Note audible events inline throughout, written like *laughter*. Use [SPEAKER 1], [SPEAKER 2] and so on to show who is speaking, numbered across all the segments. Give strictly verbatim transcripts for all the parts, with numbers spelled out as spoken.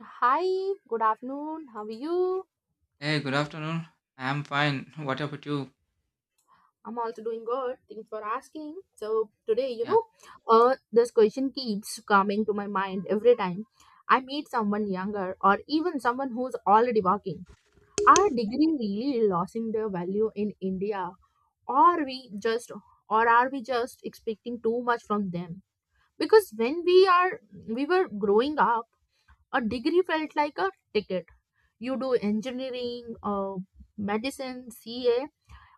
[SPEAKER 1] Hi, good afternoon. How are you?
[SPEAKER 2] Hey, good afternoon. I am fine. What about you?
[SPEAKER 1] I'm also doing good. Thanks for asking. So today, you
[SPEAKER 2] Yeah,
[SPEAKER 1] know, uh, this question keeps coming to my mind every time I meet someone younger or even someone who's already working. Are degree really losing their value in India, or we just, or are we just expecting too much from them? Because when we are, we were growing up, a degree felt like a ticket. You do engineering, uh, medicine, C A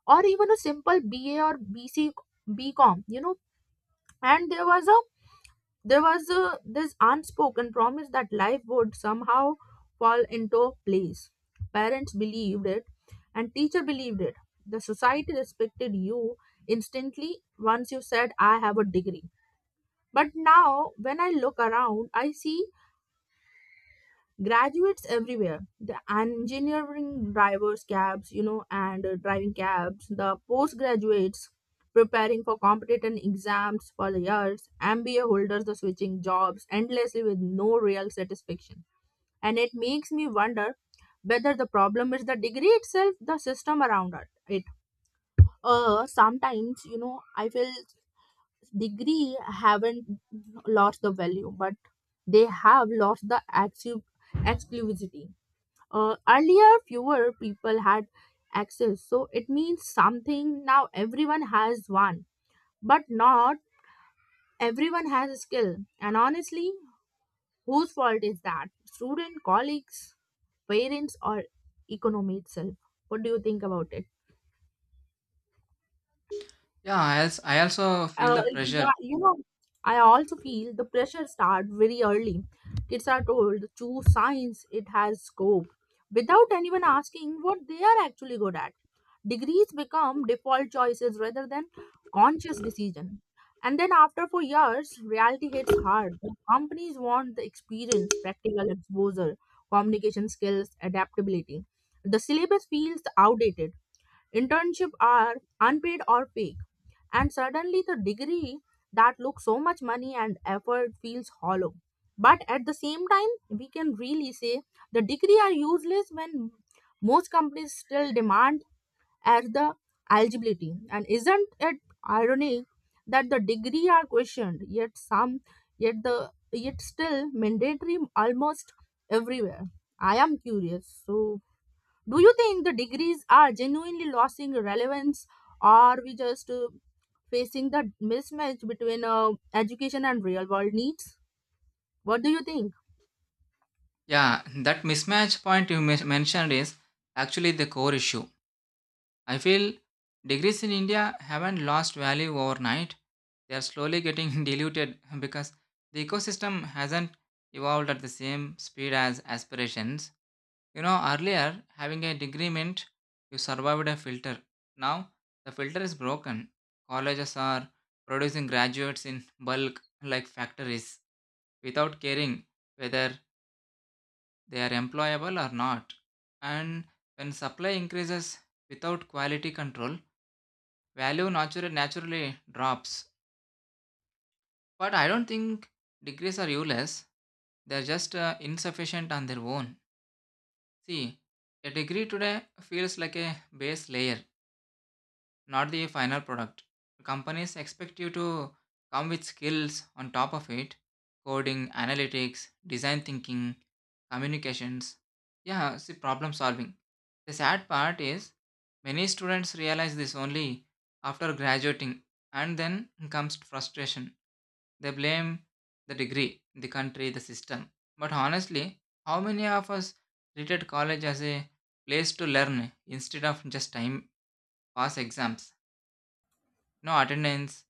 [SPEAKER 1] or even a simple B A or B C BCom, you know. And there was a there was a this unspoken promise that life would somehow fall into place. Parents believed it and teacher believed it. The society respected you instantly once you said I have a degree. But now when I look around, I see graduates everywhere, the engineering drivers cabs, you know and uh, driving cabs, the postgraduates preparing for competitive exams for the years, M B A holders, the switching jobs endlessly with no real satisfaction. And it makes me wonder whether the problem is the degree itself, the system around it. It uh sometimes, you know I feel degree haven't lost the value, but they have lost the active exclusivity. Uh, earlier, fewer people had access, so it means something. Now everyone has one, but not everyone has a skill. And honestly, whose fault is that? Student, colleagues, parents, or economy itself? What do you think about it?
[SPEAKER 2] yeah. I also, I also feel
[SPEAKER 1] Uh,
[SPEAKER 2] the pressure.
[SPEAKER 1] yeah, you know, I also feel the pressure start very early. Kids are told to choose science; it has scope, without anyone asking what they are actually good at. Degrees become default choices rather than conscious decision. And then after four years, reality hits hard. The companies want the experience, practical exposure, communication skills, adaptability. The syllabus feels outdated. Internships are unpaid or fake. And suddenly the degree that looks so much money and effort feels hollow. But at the same time, we can really say the degree are useless when most companies still demand as the eligibility. And isn't it ironic that the degree are questioned, yet some, yet the yet still mandatory almost everywhere? I am curious. So, do you think the degrees are genuinely losing relevance, or we just uh, facing the mismatch between uh, education and real world needs? What do you think?
[SPEAKER 2] Yeah, that mismatch point you mes- mentioned is actually the core issue. I feel degrees in India haven't lost value overnight. They are slowly getting *laughs* diluted because the ecosystem hasn't evolved at the same speed as aspirations. You know, earlier having a degree meant you survived a filter. Now the filter is broken. Colleges are producing graduates in bulk like factories without caring whether they are employable or not. And when supply increases without quality control, value natura- naturally drops. But I don't think degrees are useless. They're just uh, insufficient on their own. See, a degree today feels like a base layer not the final product. Companies expect you to come with skills on top of it: coding, analytics, design thinking, communications. Yeah, see, problem solving. The sad part is many students realize this only after graduating, and then comes frustration. They blame the degree, the country, the system. But honestly, how many of us treated college as a place to learn instead of just time pass exams? No attendance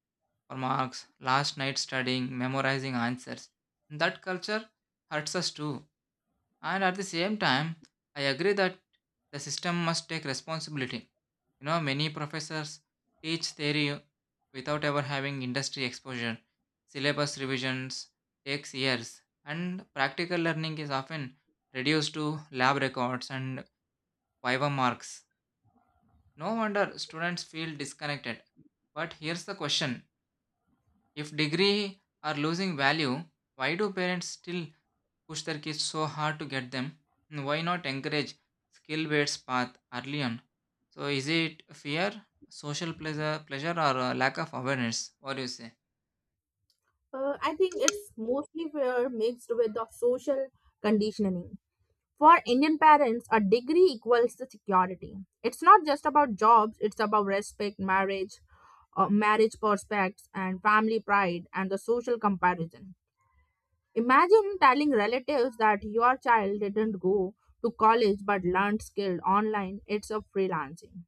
[SPEAKER 2] or marks, last night studying, memorizing answers. That culture hurts us too. And at the same time, I agree that the system must take responsibility. You know, many professors teach theory without ever having industry exposure. Syllabus revisions takes years, and practical learning is often reduced to lab records and viva marks. No wonder students feel disconnected. But here's the question: if degree are losing value, why do parents still push their kids so hard to get them? And why not encourage skill-based path early on? So is it fear, social pleasure, pleasure or uh, lack of awareness? What do you say?
[SPEAKER 1] Uh, I think it's mostly fair mixed with the social conditioning. For Indian parents, a degree equals the security. It's not just about jobs, it's about respect, marriage, uh, marriage prospects, and family pride and the social comparison. Imagine telling relatives that your child didn't go to college but learned skill online, it's a freelancing.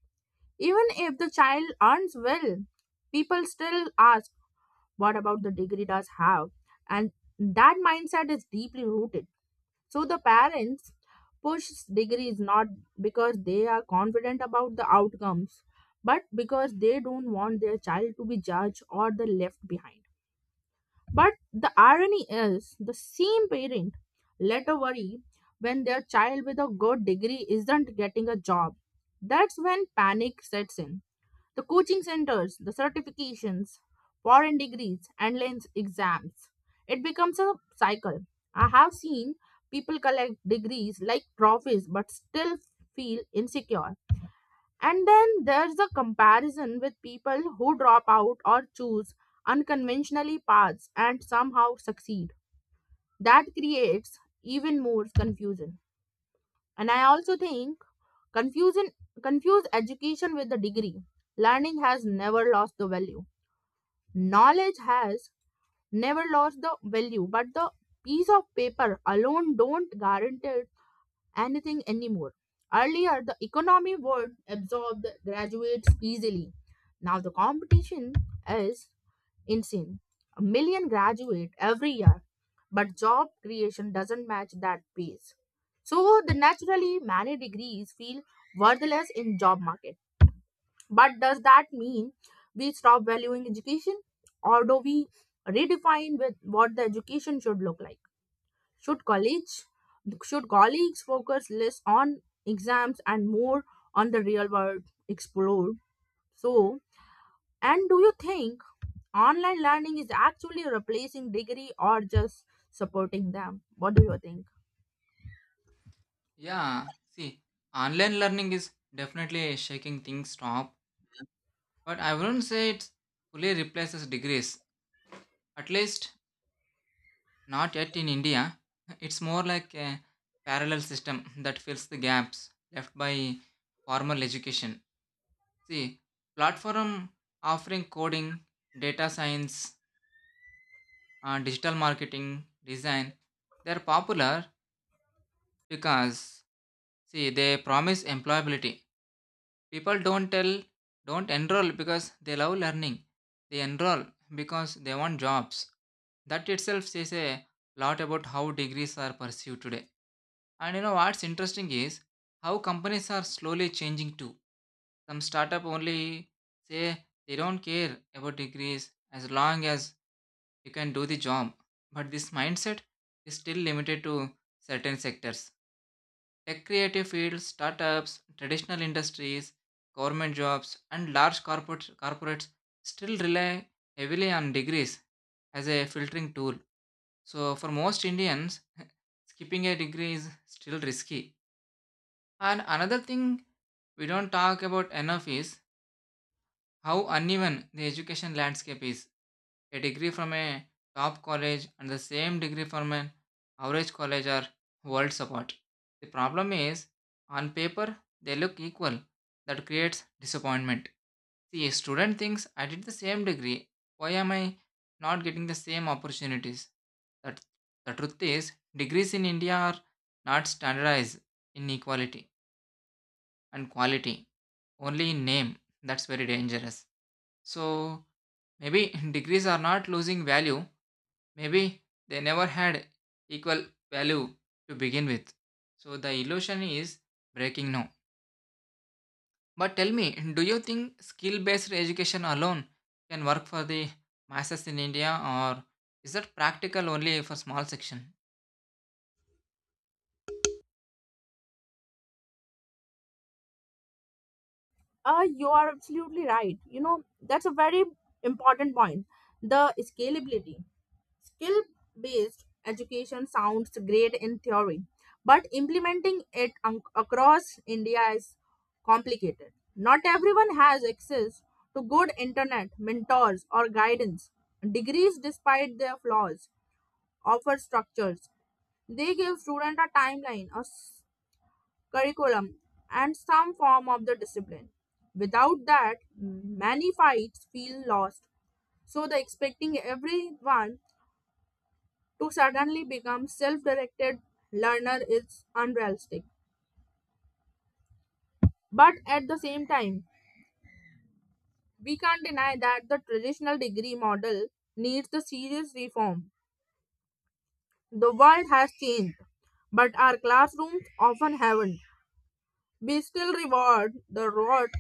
[SPEAKER 1] Even if the child earns well, people still ask, what about the degree does have? And that mindset is deeply rooted. So the parents push degrees not because they are confident about the outcomes, but because they don't want their child to be judged or the left behind. But the irony is the same parent later worry when their child with a good degree isn't getting a job. That's when panic sets in the coaching centers, the certifications, foreign degrees, and lens exams. It becomes a cycle. I have seen people collect degrees like trophies but still feel insecure. And then there's a comparison with people who drop out or choose unconventionally paths and somehow succeed. That creates even more confusion. And I also think confusion confuse education with the degree. Learning has never lost the value. Knowledge has never lost the value, but the piece of paper alone don't guarantee it anything anymore. Earlier the economy would absorb the graduates easily. Now the competition is insane. A million graduate every year, but job creation doesn't match that pace. So the naturally many degrees feel worthless in job market. But does that mean we stop valuing education? Or do we redefine with what the education should look like? Should college should colleagues focus less on exams and more on the real world explored? So and do you think online learning is actually replacing degree or just supporting them? What do you think?
[SPEAKER 2] Yeah, see, online learning is definitely shaking things up, but I wouldn't say it fully replaces degrees. At least not yet in India. *laughs* It's more like a parallel system that fills the gaps left by formal education. See, platform offering coding, data science, uh, digital marketing, design, they're popular because see they promise employability. People don't tell don't enroll because they love learning. They enroll because they want jobs. That itself says a lot about how degrees are pursued today. And you know what's interesting is how companies are slowly changing too. Some startup only say they don't care about degrees as long as you can do the job. But this mindset is still limited to certain sectors. Tech creative fields, startups, traditional industries, government jobs, and large corporate, corporates still rely heavily on degrees as a filtering tool. So, for most Indians, *laughs* skipping a degree is still risky. And another thing we don't talk about enough is how uneven the education landscape is. A degree from a top college and the same degree from an average college are worlds apart. The problem is, on paper, they look equal. That creates disappointment. See, a student thinks I did the same degree. Why am I not getting the same opportunities? That the truth is, degrees in India are not standardized in equality and quality only in name. That's very dangerous. So maybe *laughs* degrees are not losing value. Maybe they never had equal value to begin with. So the illusion is breaking now. But tell me, do you think skill based education alone can work for the masses in India or is that practical only for small section?
[SPEAKER 1] Uh, you are absolutely right. You know, that's a very important point. The scalability. Skill based education sounds great in theory, but implementing it un- across India is complicated. Not everyone has access to good internet, mentors, or guidance. Degrees, despite their flaws, offer structures. They give students a timeline, a s- curriculum, and some form of the discipline. Without that, many fights feel lost. So the expecting everyone to suddenly become self-directed learner is unrealistic. But at the same time, we can't deny that the traditional degree model needs the serious reform. The world has changed, but our classrooms often haven't. We still reward the reward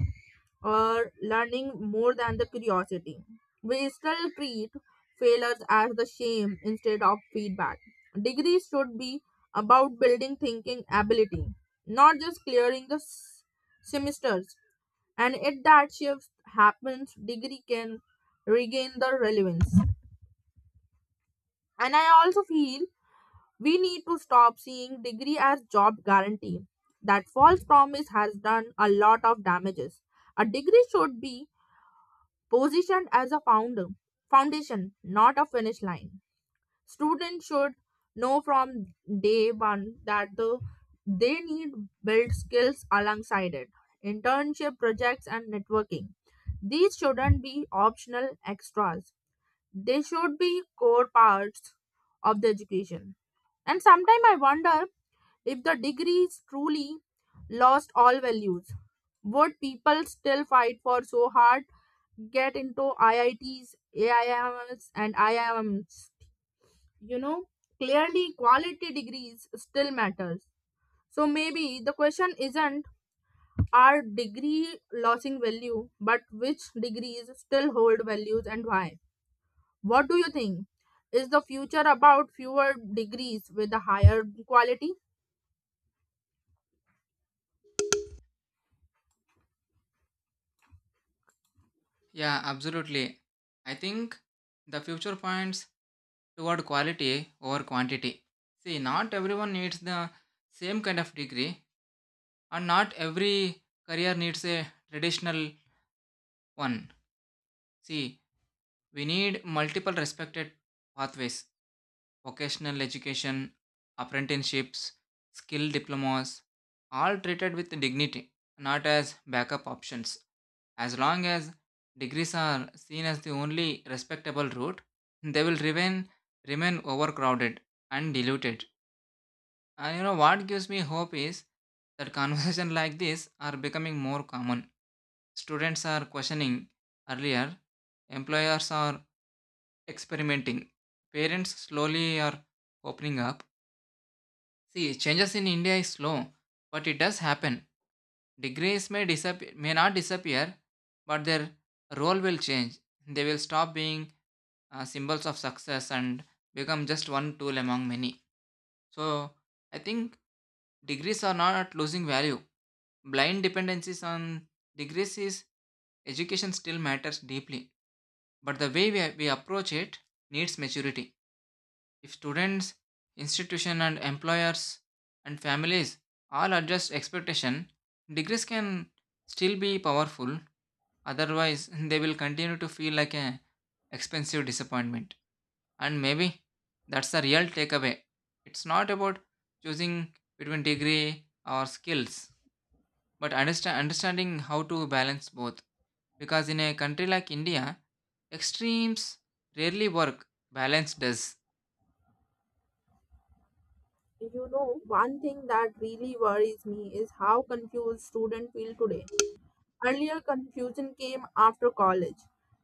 [SPEAKER 1] or learning more than the curiosity. We still treat failures as the shame instead of feedback. Degrees should be about building thinking ability, not just clearing the s- semesters. And if that shift happens, degree can regain the relevance. And I also feel we need to stop seeing degree as job guarantee. That false promise has done a lot of damages. A degree should be positioned as a founder, foundation, not a finish line. Students should know from day one that the, they need build skills alongside it. Internship projects and networking. These shouldn't be optional extras. They should be core parts of the education. And sometimes I wonder if the degrees truly lost all values, would people still fight for so hard, get into I I Ts, A I Ms, and I I Ms? You know, clearly quality degrees still matters. So maybe the question isn't are degree losing value, but which degrees still hold values and why? What do you think? Is the future about fewer degrees with a higher quality?
[SPEAKER 2] Yeah, absolutely. I think the future points toward quality over quantity. See, not everyone needs the same kind of degree, and not every career needs a traditional one. See, we need multiple respected pathways: vocational education, apprenticeships, skill diplomas, all treated with dignity, not as backup options. As long as degrees are seen as the only respectable route, they will remain, remain overcrowded and diluted. And you know what gives me hope is that conversations *laughs* like this are becoming more common. Students are questioning earlier, employers are experimenting, parents slowly are opening up. See, changes in India is slow, but it does happen. Degrees may disappear, may not disappear, but their role will change. They will stop being uh, symbols of success and become just one tool among many. So, I think degrees are not losing value, blind dependencies on degrees is. Education still matters deeply, but the way we, we approach it needs maturity. If students, institution and employers and families all adjust expectation, degrees can still be powerful, otherwise *laughs* they will continue to feel like an expensive disappointment. And maybe that's the real takeaway. It's not about choosing between degree or skills but understand, understanding how to balance both. Because in a country like India, extremes rarely work, balance does.
[SPEAKER 1] You know, one thing that really worries me is how confused students feel today. Earlier, confusion came after college.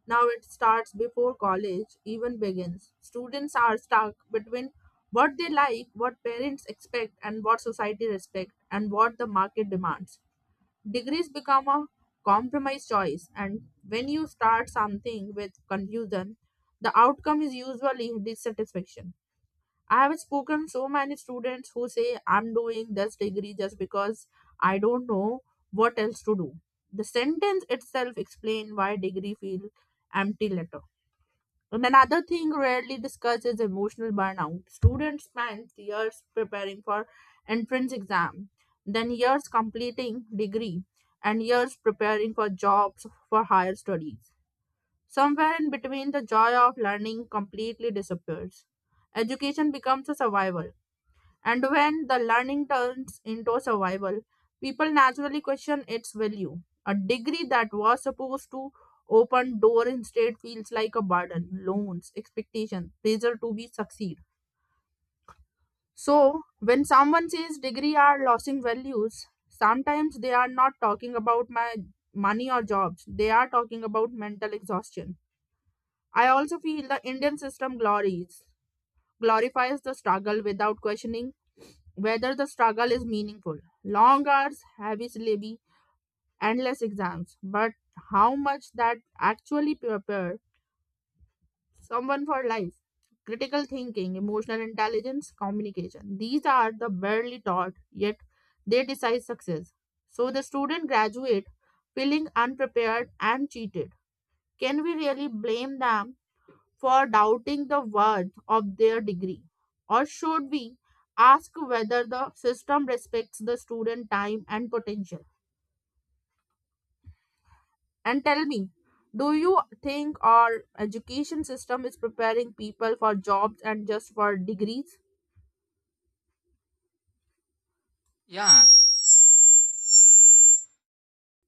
[SPEAKER 1] Now it starts before college even begins. Students are stuck between what they like, what parents expect, and what society respects, and what the market demands. Degrees become a compromise choice, and when you start something with confusion, the outcome is usually dissatisfaction. I have spoken so many students who say I'm doing this degree just because I don't know what else to do. The sentence itself explains why degree feel empty later. And another thing rarely discussed is emotional burnout. Students spend years preparing for entrance exam, then years completing degree, and years preparing for jobs for higher studies. Somewhere in between, the joy of learning completely disappears. Education becomes a survival, and when the learning turns into survival, people naturally question its value. A degree that was supposed to open door instead feels like a burden, loans, expectation, pressure to be succeed. So when someone says degree are losing values, sometimes they are not talking about my money or jobs. They are talking about mental exhaustion. I also feel the Indian system glories glorifies the struggle without questioning whether the struggle is meaningful. Long hours, heavy syllabi, endless exams, but how much that actually prepare someone for life? Critical thinking, emotional intelligence, communication. These are the barely taught, yet they decide success. So the student graduate feeling unprepared and cheated. Can we really blame them for doubting the worth of their degree? Or should we ask whether the system respects the student time and potential? And tell me, do you think our education system is preparing people for jobs and just for degrees?
[SPEAKER 2] Yeah,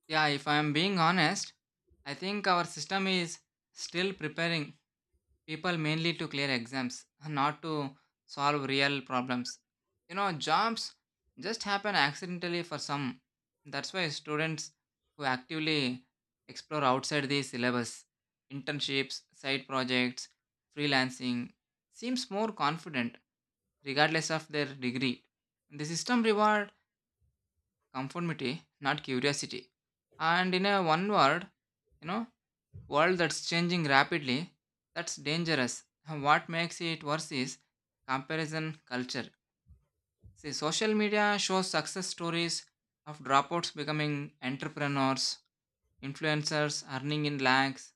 [SPEAKER 2] yeah, if I'm being honest, I think our system is still preparing people mainly to clear exams not to solve real problems. You know jobs just happen accidentally for some. That's why students who actively explore outside the syllabus, internships, side projects, freelancing, seems more confident regardless of their degree. The system reward conformity not curiosity, and in a one word, you know, world that's changing rapidly, that's dangerous. What makes it worse is comparison culture. See, social media shows success stories of dropouts becoming entrepreneurs, influencers earning in lakhs,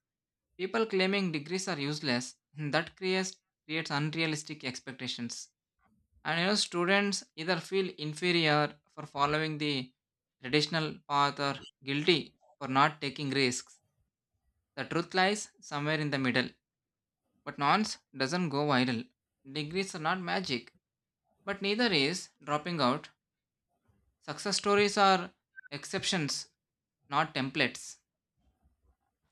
[SPEAKER 2] people claiming degrees are useless. That creates creates unrealistic expectations. And you know, students either feel inferior for following the traditional path or guilty for not taking risks. The truth lies somewhere in the middle. But nonce doesn't go viral. Degrees are not magic, but neither is dropping out. Success stories are exceptions, not templates.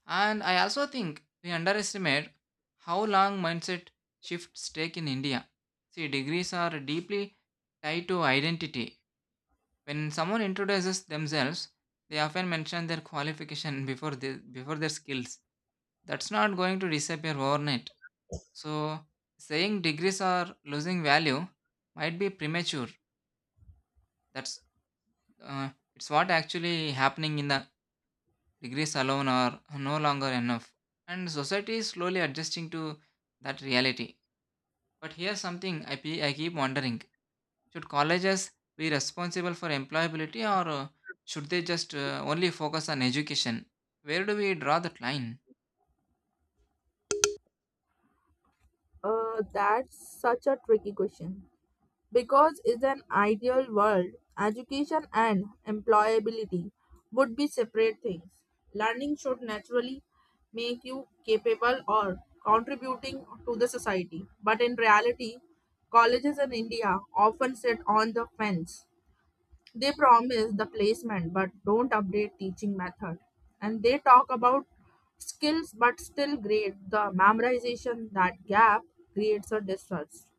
[SPEAKER 2] And I also think we underestimate how long mindset shifts take in India. See, degrees are deeply tied to identity. When someone introduces themselves, they often mention their qualification before, the, before their skills. That's not going to disappear overnight. So saying degrees are losing value might be premature. That's uh, it's what actually happening in the degrees alone are no longer enough, and society is slowly adjusting to that reality. But here's something I pe- I keep wondering: should colleges be responsible for employability, or uh, should they just uh, only focus on education? Where do we draw that line?
[SPEAKER 1] Uh, that's such a tricky question. Because in an ideal world, education and employability would be separate things. Learning should naturally make you capable or contributing to the society. But in reality, colleges in India often sit on the fence. They promise the placement but don't update teaching method. And they talk about skills but still grade the memorization. That gap creates a distrust.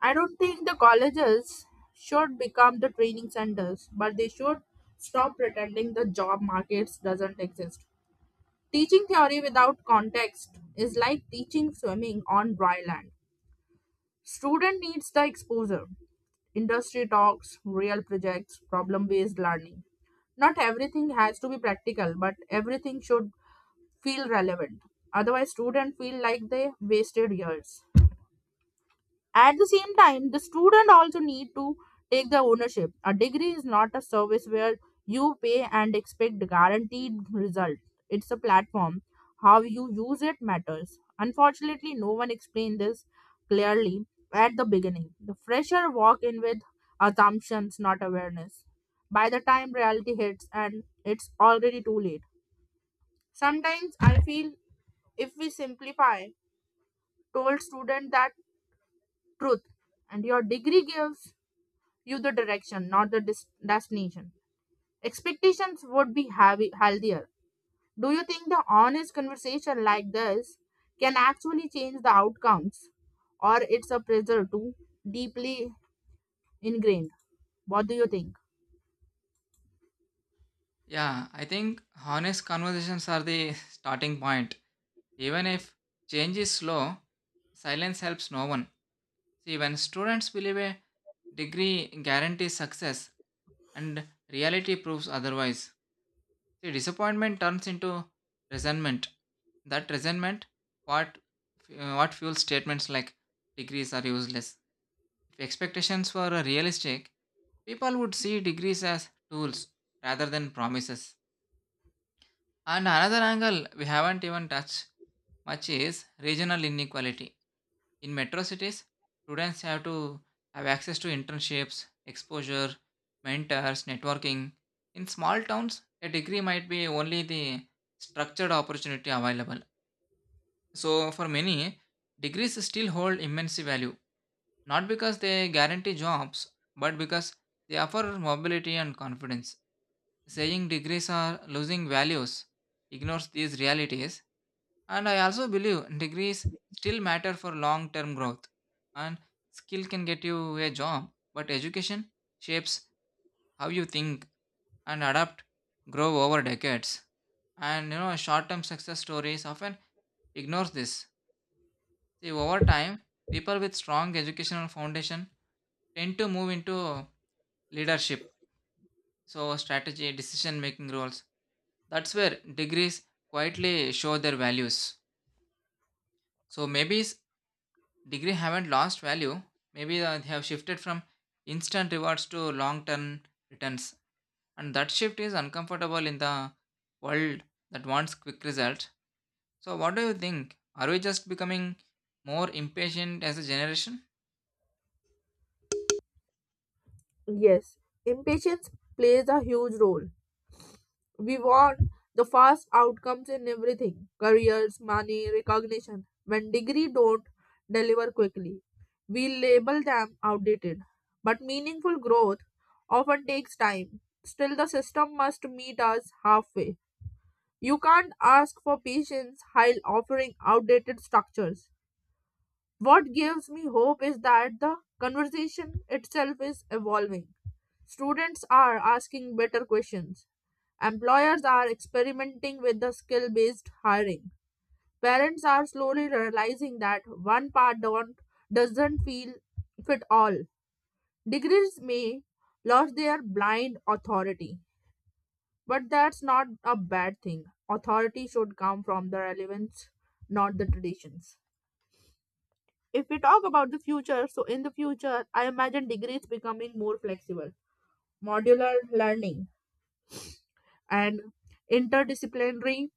[SPEAKER 1] I don't think the colleges should become the training centers, but they should stop pretending the job markets doesn't exist. Teaching theory without context is like teaching swimming on dry land. Student needs the exposure, industry talks, real projects, problem-based learning. Not everything has to be practical, but everything should feel relevant. Otherwise, students feel like they wasted years. At the same time, the student also need to take the ownership. A degree is not a service where you pay and expect guaranteed result. It's a platform. How you use it matters. Unfortunately, no one explained this clearly at the beginning. The fresher walk in with assumptions, not awareness. By the time reality hits and it's already too late. Sometimes I feel if we simplify, told student that truth and your degree gives you the direction, not the dis- destination. Expectations would be heavy- healthier. Do you think the honest conversation like this can actually change the outcomes, or it's a pressure too deeply ingrained? What do you think?
[SPEAKER 2] Yeah, I think honest conversations are the *laughs* starting point. Even if change is slow, silence helps no one. See, when students believe a degree guarantees success and reality proves otherwise, see, disappointment turns into resentment. That resentment, what, uh, what fuels statements like degrees are useless. If expectations were realistic, people would see degrees as tools rather than promises. And another angle we haven't even touched much is regional inequality. In metro cities, students have to have access to internships, exposure, mentors, networking. In small towns, a degree might be only the structured opportunity available. So, for many, degrees still hold immense value not because they guarantee jobs, but because they offer mobility and confidence. Saying degrees are losing values ignores these realities, and I also believe degrees still matter for long term growth. And skill can get you a job, but education shapes how you think and adapt, grow over decades. And you know, short term success stories often ignores this. See, over time, people with strong educational foundation tend to move into leadership, so strategy, decision making roles. That's where degrees quietly show their values. So maybe s- degree haven't lost value. Maybe uh, they have shifted from instant rewards to long term returns, and that shift is uncomfortable in the world that wants quick results. So what do you think? Are we just becoming more impatient as a generation?
[SPEAKER 1] Yes, impatience plays a huge role. We want the fast outcomes in everything careers, money, recognition. When degree don't deliver quickly, we label them outdated. But meaningful growth often takes time. Still, the system must meet us halfway. You can't ask for patience while offering outdated structures. What gives me hope is that the conversation itself is evolving. Students are asking better questions. Employers are experimenting with the skill based hiring. Parents are slowly realizing that one part don't, doesn't feel fit all. Degrees may lose their blind authority, but that's not a bad thing. Authority should come from the relevance, not the traditions. If we talk about the future, so in the future, I imagine degrees becoming more flexible, modular learning, and interdisciplinary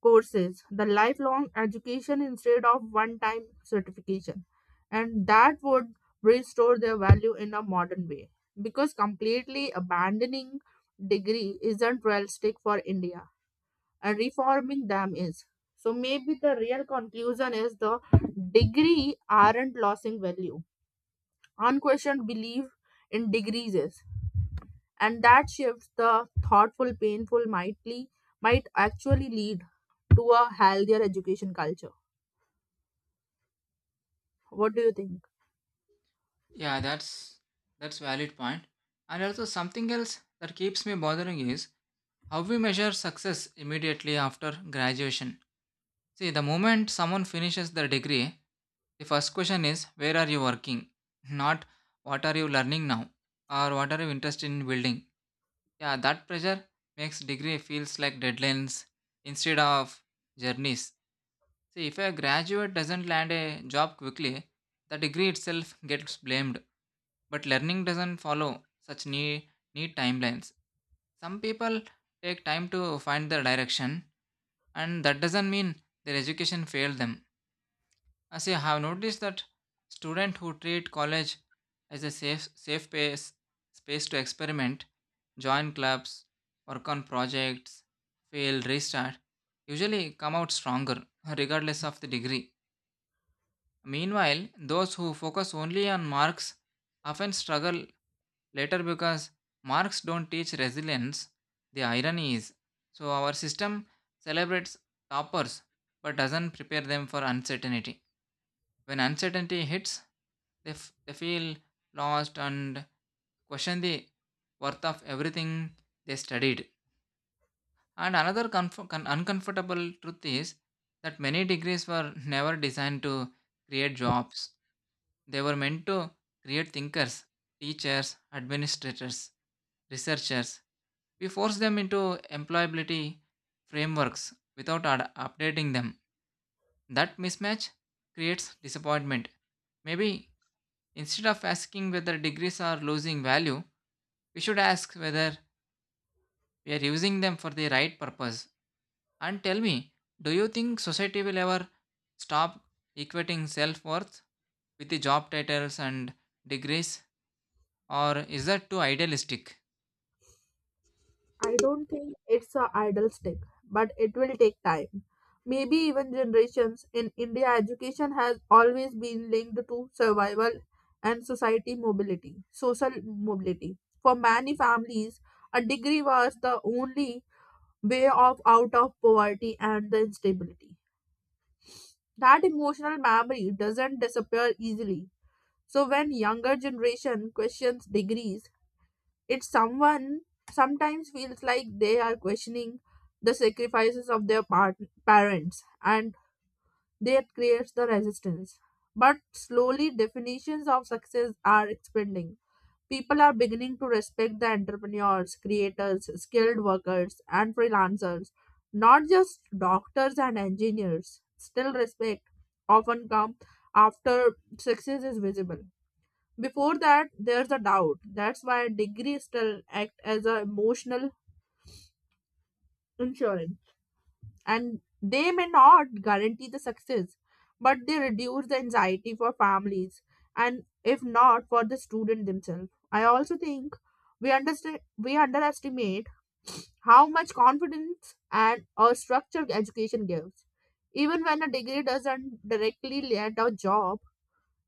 [SPEAKER 1] courses, the lifelong education instead of one time certification. And that would restore their value in a modern way because completely abandoning degree isn't realistic for India, and reforming them is. So maybe the real conclusion is the degree aren't losing value. Unquestioned belief in degrees is. And that shifts the thoughtful painful mightly might actually lead to a healthier education culture. What do you think?
[SPEAKER 2] Yeah, that's that's valid point. And also something else that keeps me bothering is how we measure success immediately after graduation. See, the moment someone finishes their degree, the first question is where are you working? *laughs* Not what are you learning now or what are you interested in building. Yeah, that pressure makes degree feels like deadlines instead of journeys. See, if a graduate doesn't land a job quickly, the degree itself gets blamed, but learning doesn't follow such neat, neat timelines. Some people take time to find their direction, and that doesn't mean their education failed them. As I have noticed that students who treat college as a safe safe space space to experiment, join clubs, work on projects, fail, restart, usually come out stronger, regardless of the degree. Meanwhile, those who focus only on marks often struggle later because marks don't teach resilience. The irony is so our system celebrates toppers but doesn't prepare them for uncertainty. When uncertainty hits, they, f- they feel lost and question the worth of everything they studied. And another comf- con- uncomfortable truth is that many degrees were never designed to create jobs. They were meant to create thinkers, teachers, administrators, researchers. We force them into employability frameworks without ad- updating them. That mismatch creates disappointment. Maybe instead of asking whether degrees are losing value, we should ask whether we are using them for the right purpose. And tell me, do you think society will ever stop equating self worth with the job titles and degrees, or is that too idealistic?
[SPEAKER 1] I don't think it's a idle stick, but it will take time, maybe even generations. In India, education has always been linked to survival and society mobility social mobility. For many families, a degree was the only way of out of poverty and the instability. That emotional memory doesn't disappear easily. So when younger generation questions degrees, it someone sometimes feels like they are questioning the sacrifices of their part- parents, and that creates the resistance. But slowly definitions of success are expanding. People are beginning to respect the entrepreneurs, creators, skilled workers, and freelancers, not just doctors and engineers. Still, respect often comes after success is visible. Before that, there's a doubt. That's why degree still act as a emotional insurance, and they may not guarantee the success, but they reduce the anxiety for families, and if not for the student themselves. I also think we understand we underestimate how much confidence and a structured education gives, even when a degree doesn't directly lead to a job.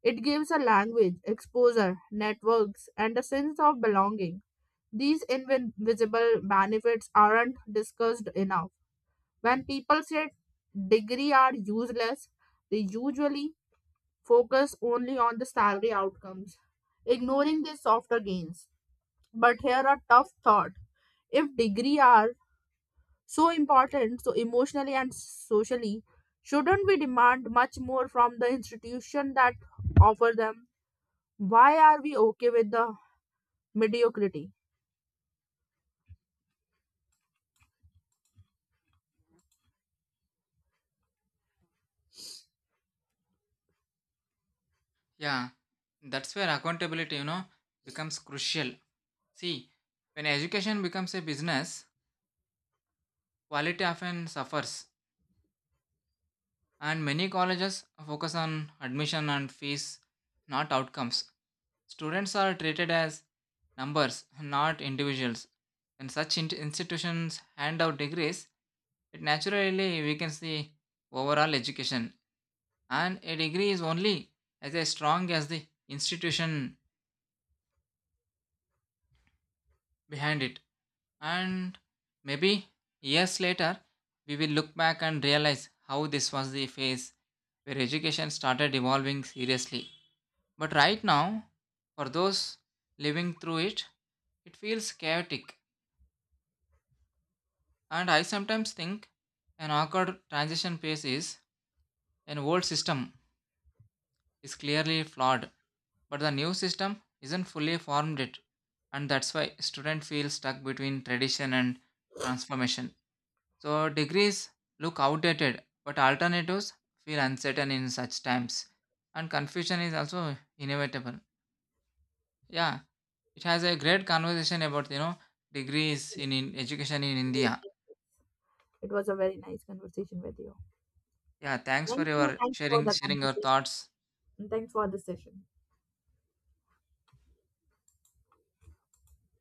[SPEAKER 1] It gives a language exposure, networks, and a sense of belonging. These invisible benefits aren't discussed enough. When people say degree are useless, they usually focus only on the salary outcomes, ignoring the softer gains. But here a tough thought. If degree are so important, so emotionally and socially, shouldn't we demand much more from the institution that offer them? Why are we okay with the mediocrity?
[SPEAKER 2] Yeah, that's where accountability, you know, becomes crucial. See, when education becomes a business, quality often suffers. And many colleges focus on admission and fees, not outcomes. Students are treated as numbers, not individuals. When such in- institutions hand out degrees, it naturally weakens the overall education, and a degree is only as strong as the institution behind it. And maybe years later, we will look back and realize how this was the phase where education started evolving seriously. But right now, for those living through it, it feels chaotic. And I sometimes think an awkward transition phase is an old system is clearly flawed, but the new system isn't fully formed yet. And that's why students feel stuck between tradition and transformation. So degrees look outdated, but alternatives feel uncertain in such times. And confusion is also inevitable. Yeah. It has a great conversation about you know degrees in, in education in
[SPEAKER 1] Yes,
[SPEAKER 2] India.
[SPEAKER 1] yes. It was a very nice conversation with you.
[SPEAKER 2] Yeah, thanks for
[SPEAKER 1] Thank you.
[SPEAKER 2] your
[SPEAKER 1] Thank you for
[SPEAKER 2] sharing
[SPEAKER 1] the
[SPEAKER 2] sharing your
[SPEAKER 1] conversation.
[SPEAKER 2] thoughts.
[SPEAKER 1] And thanks for the session.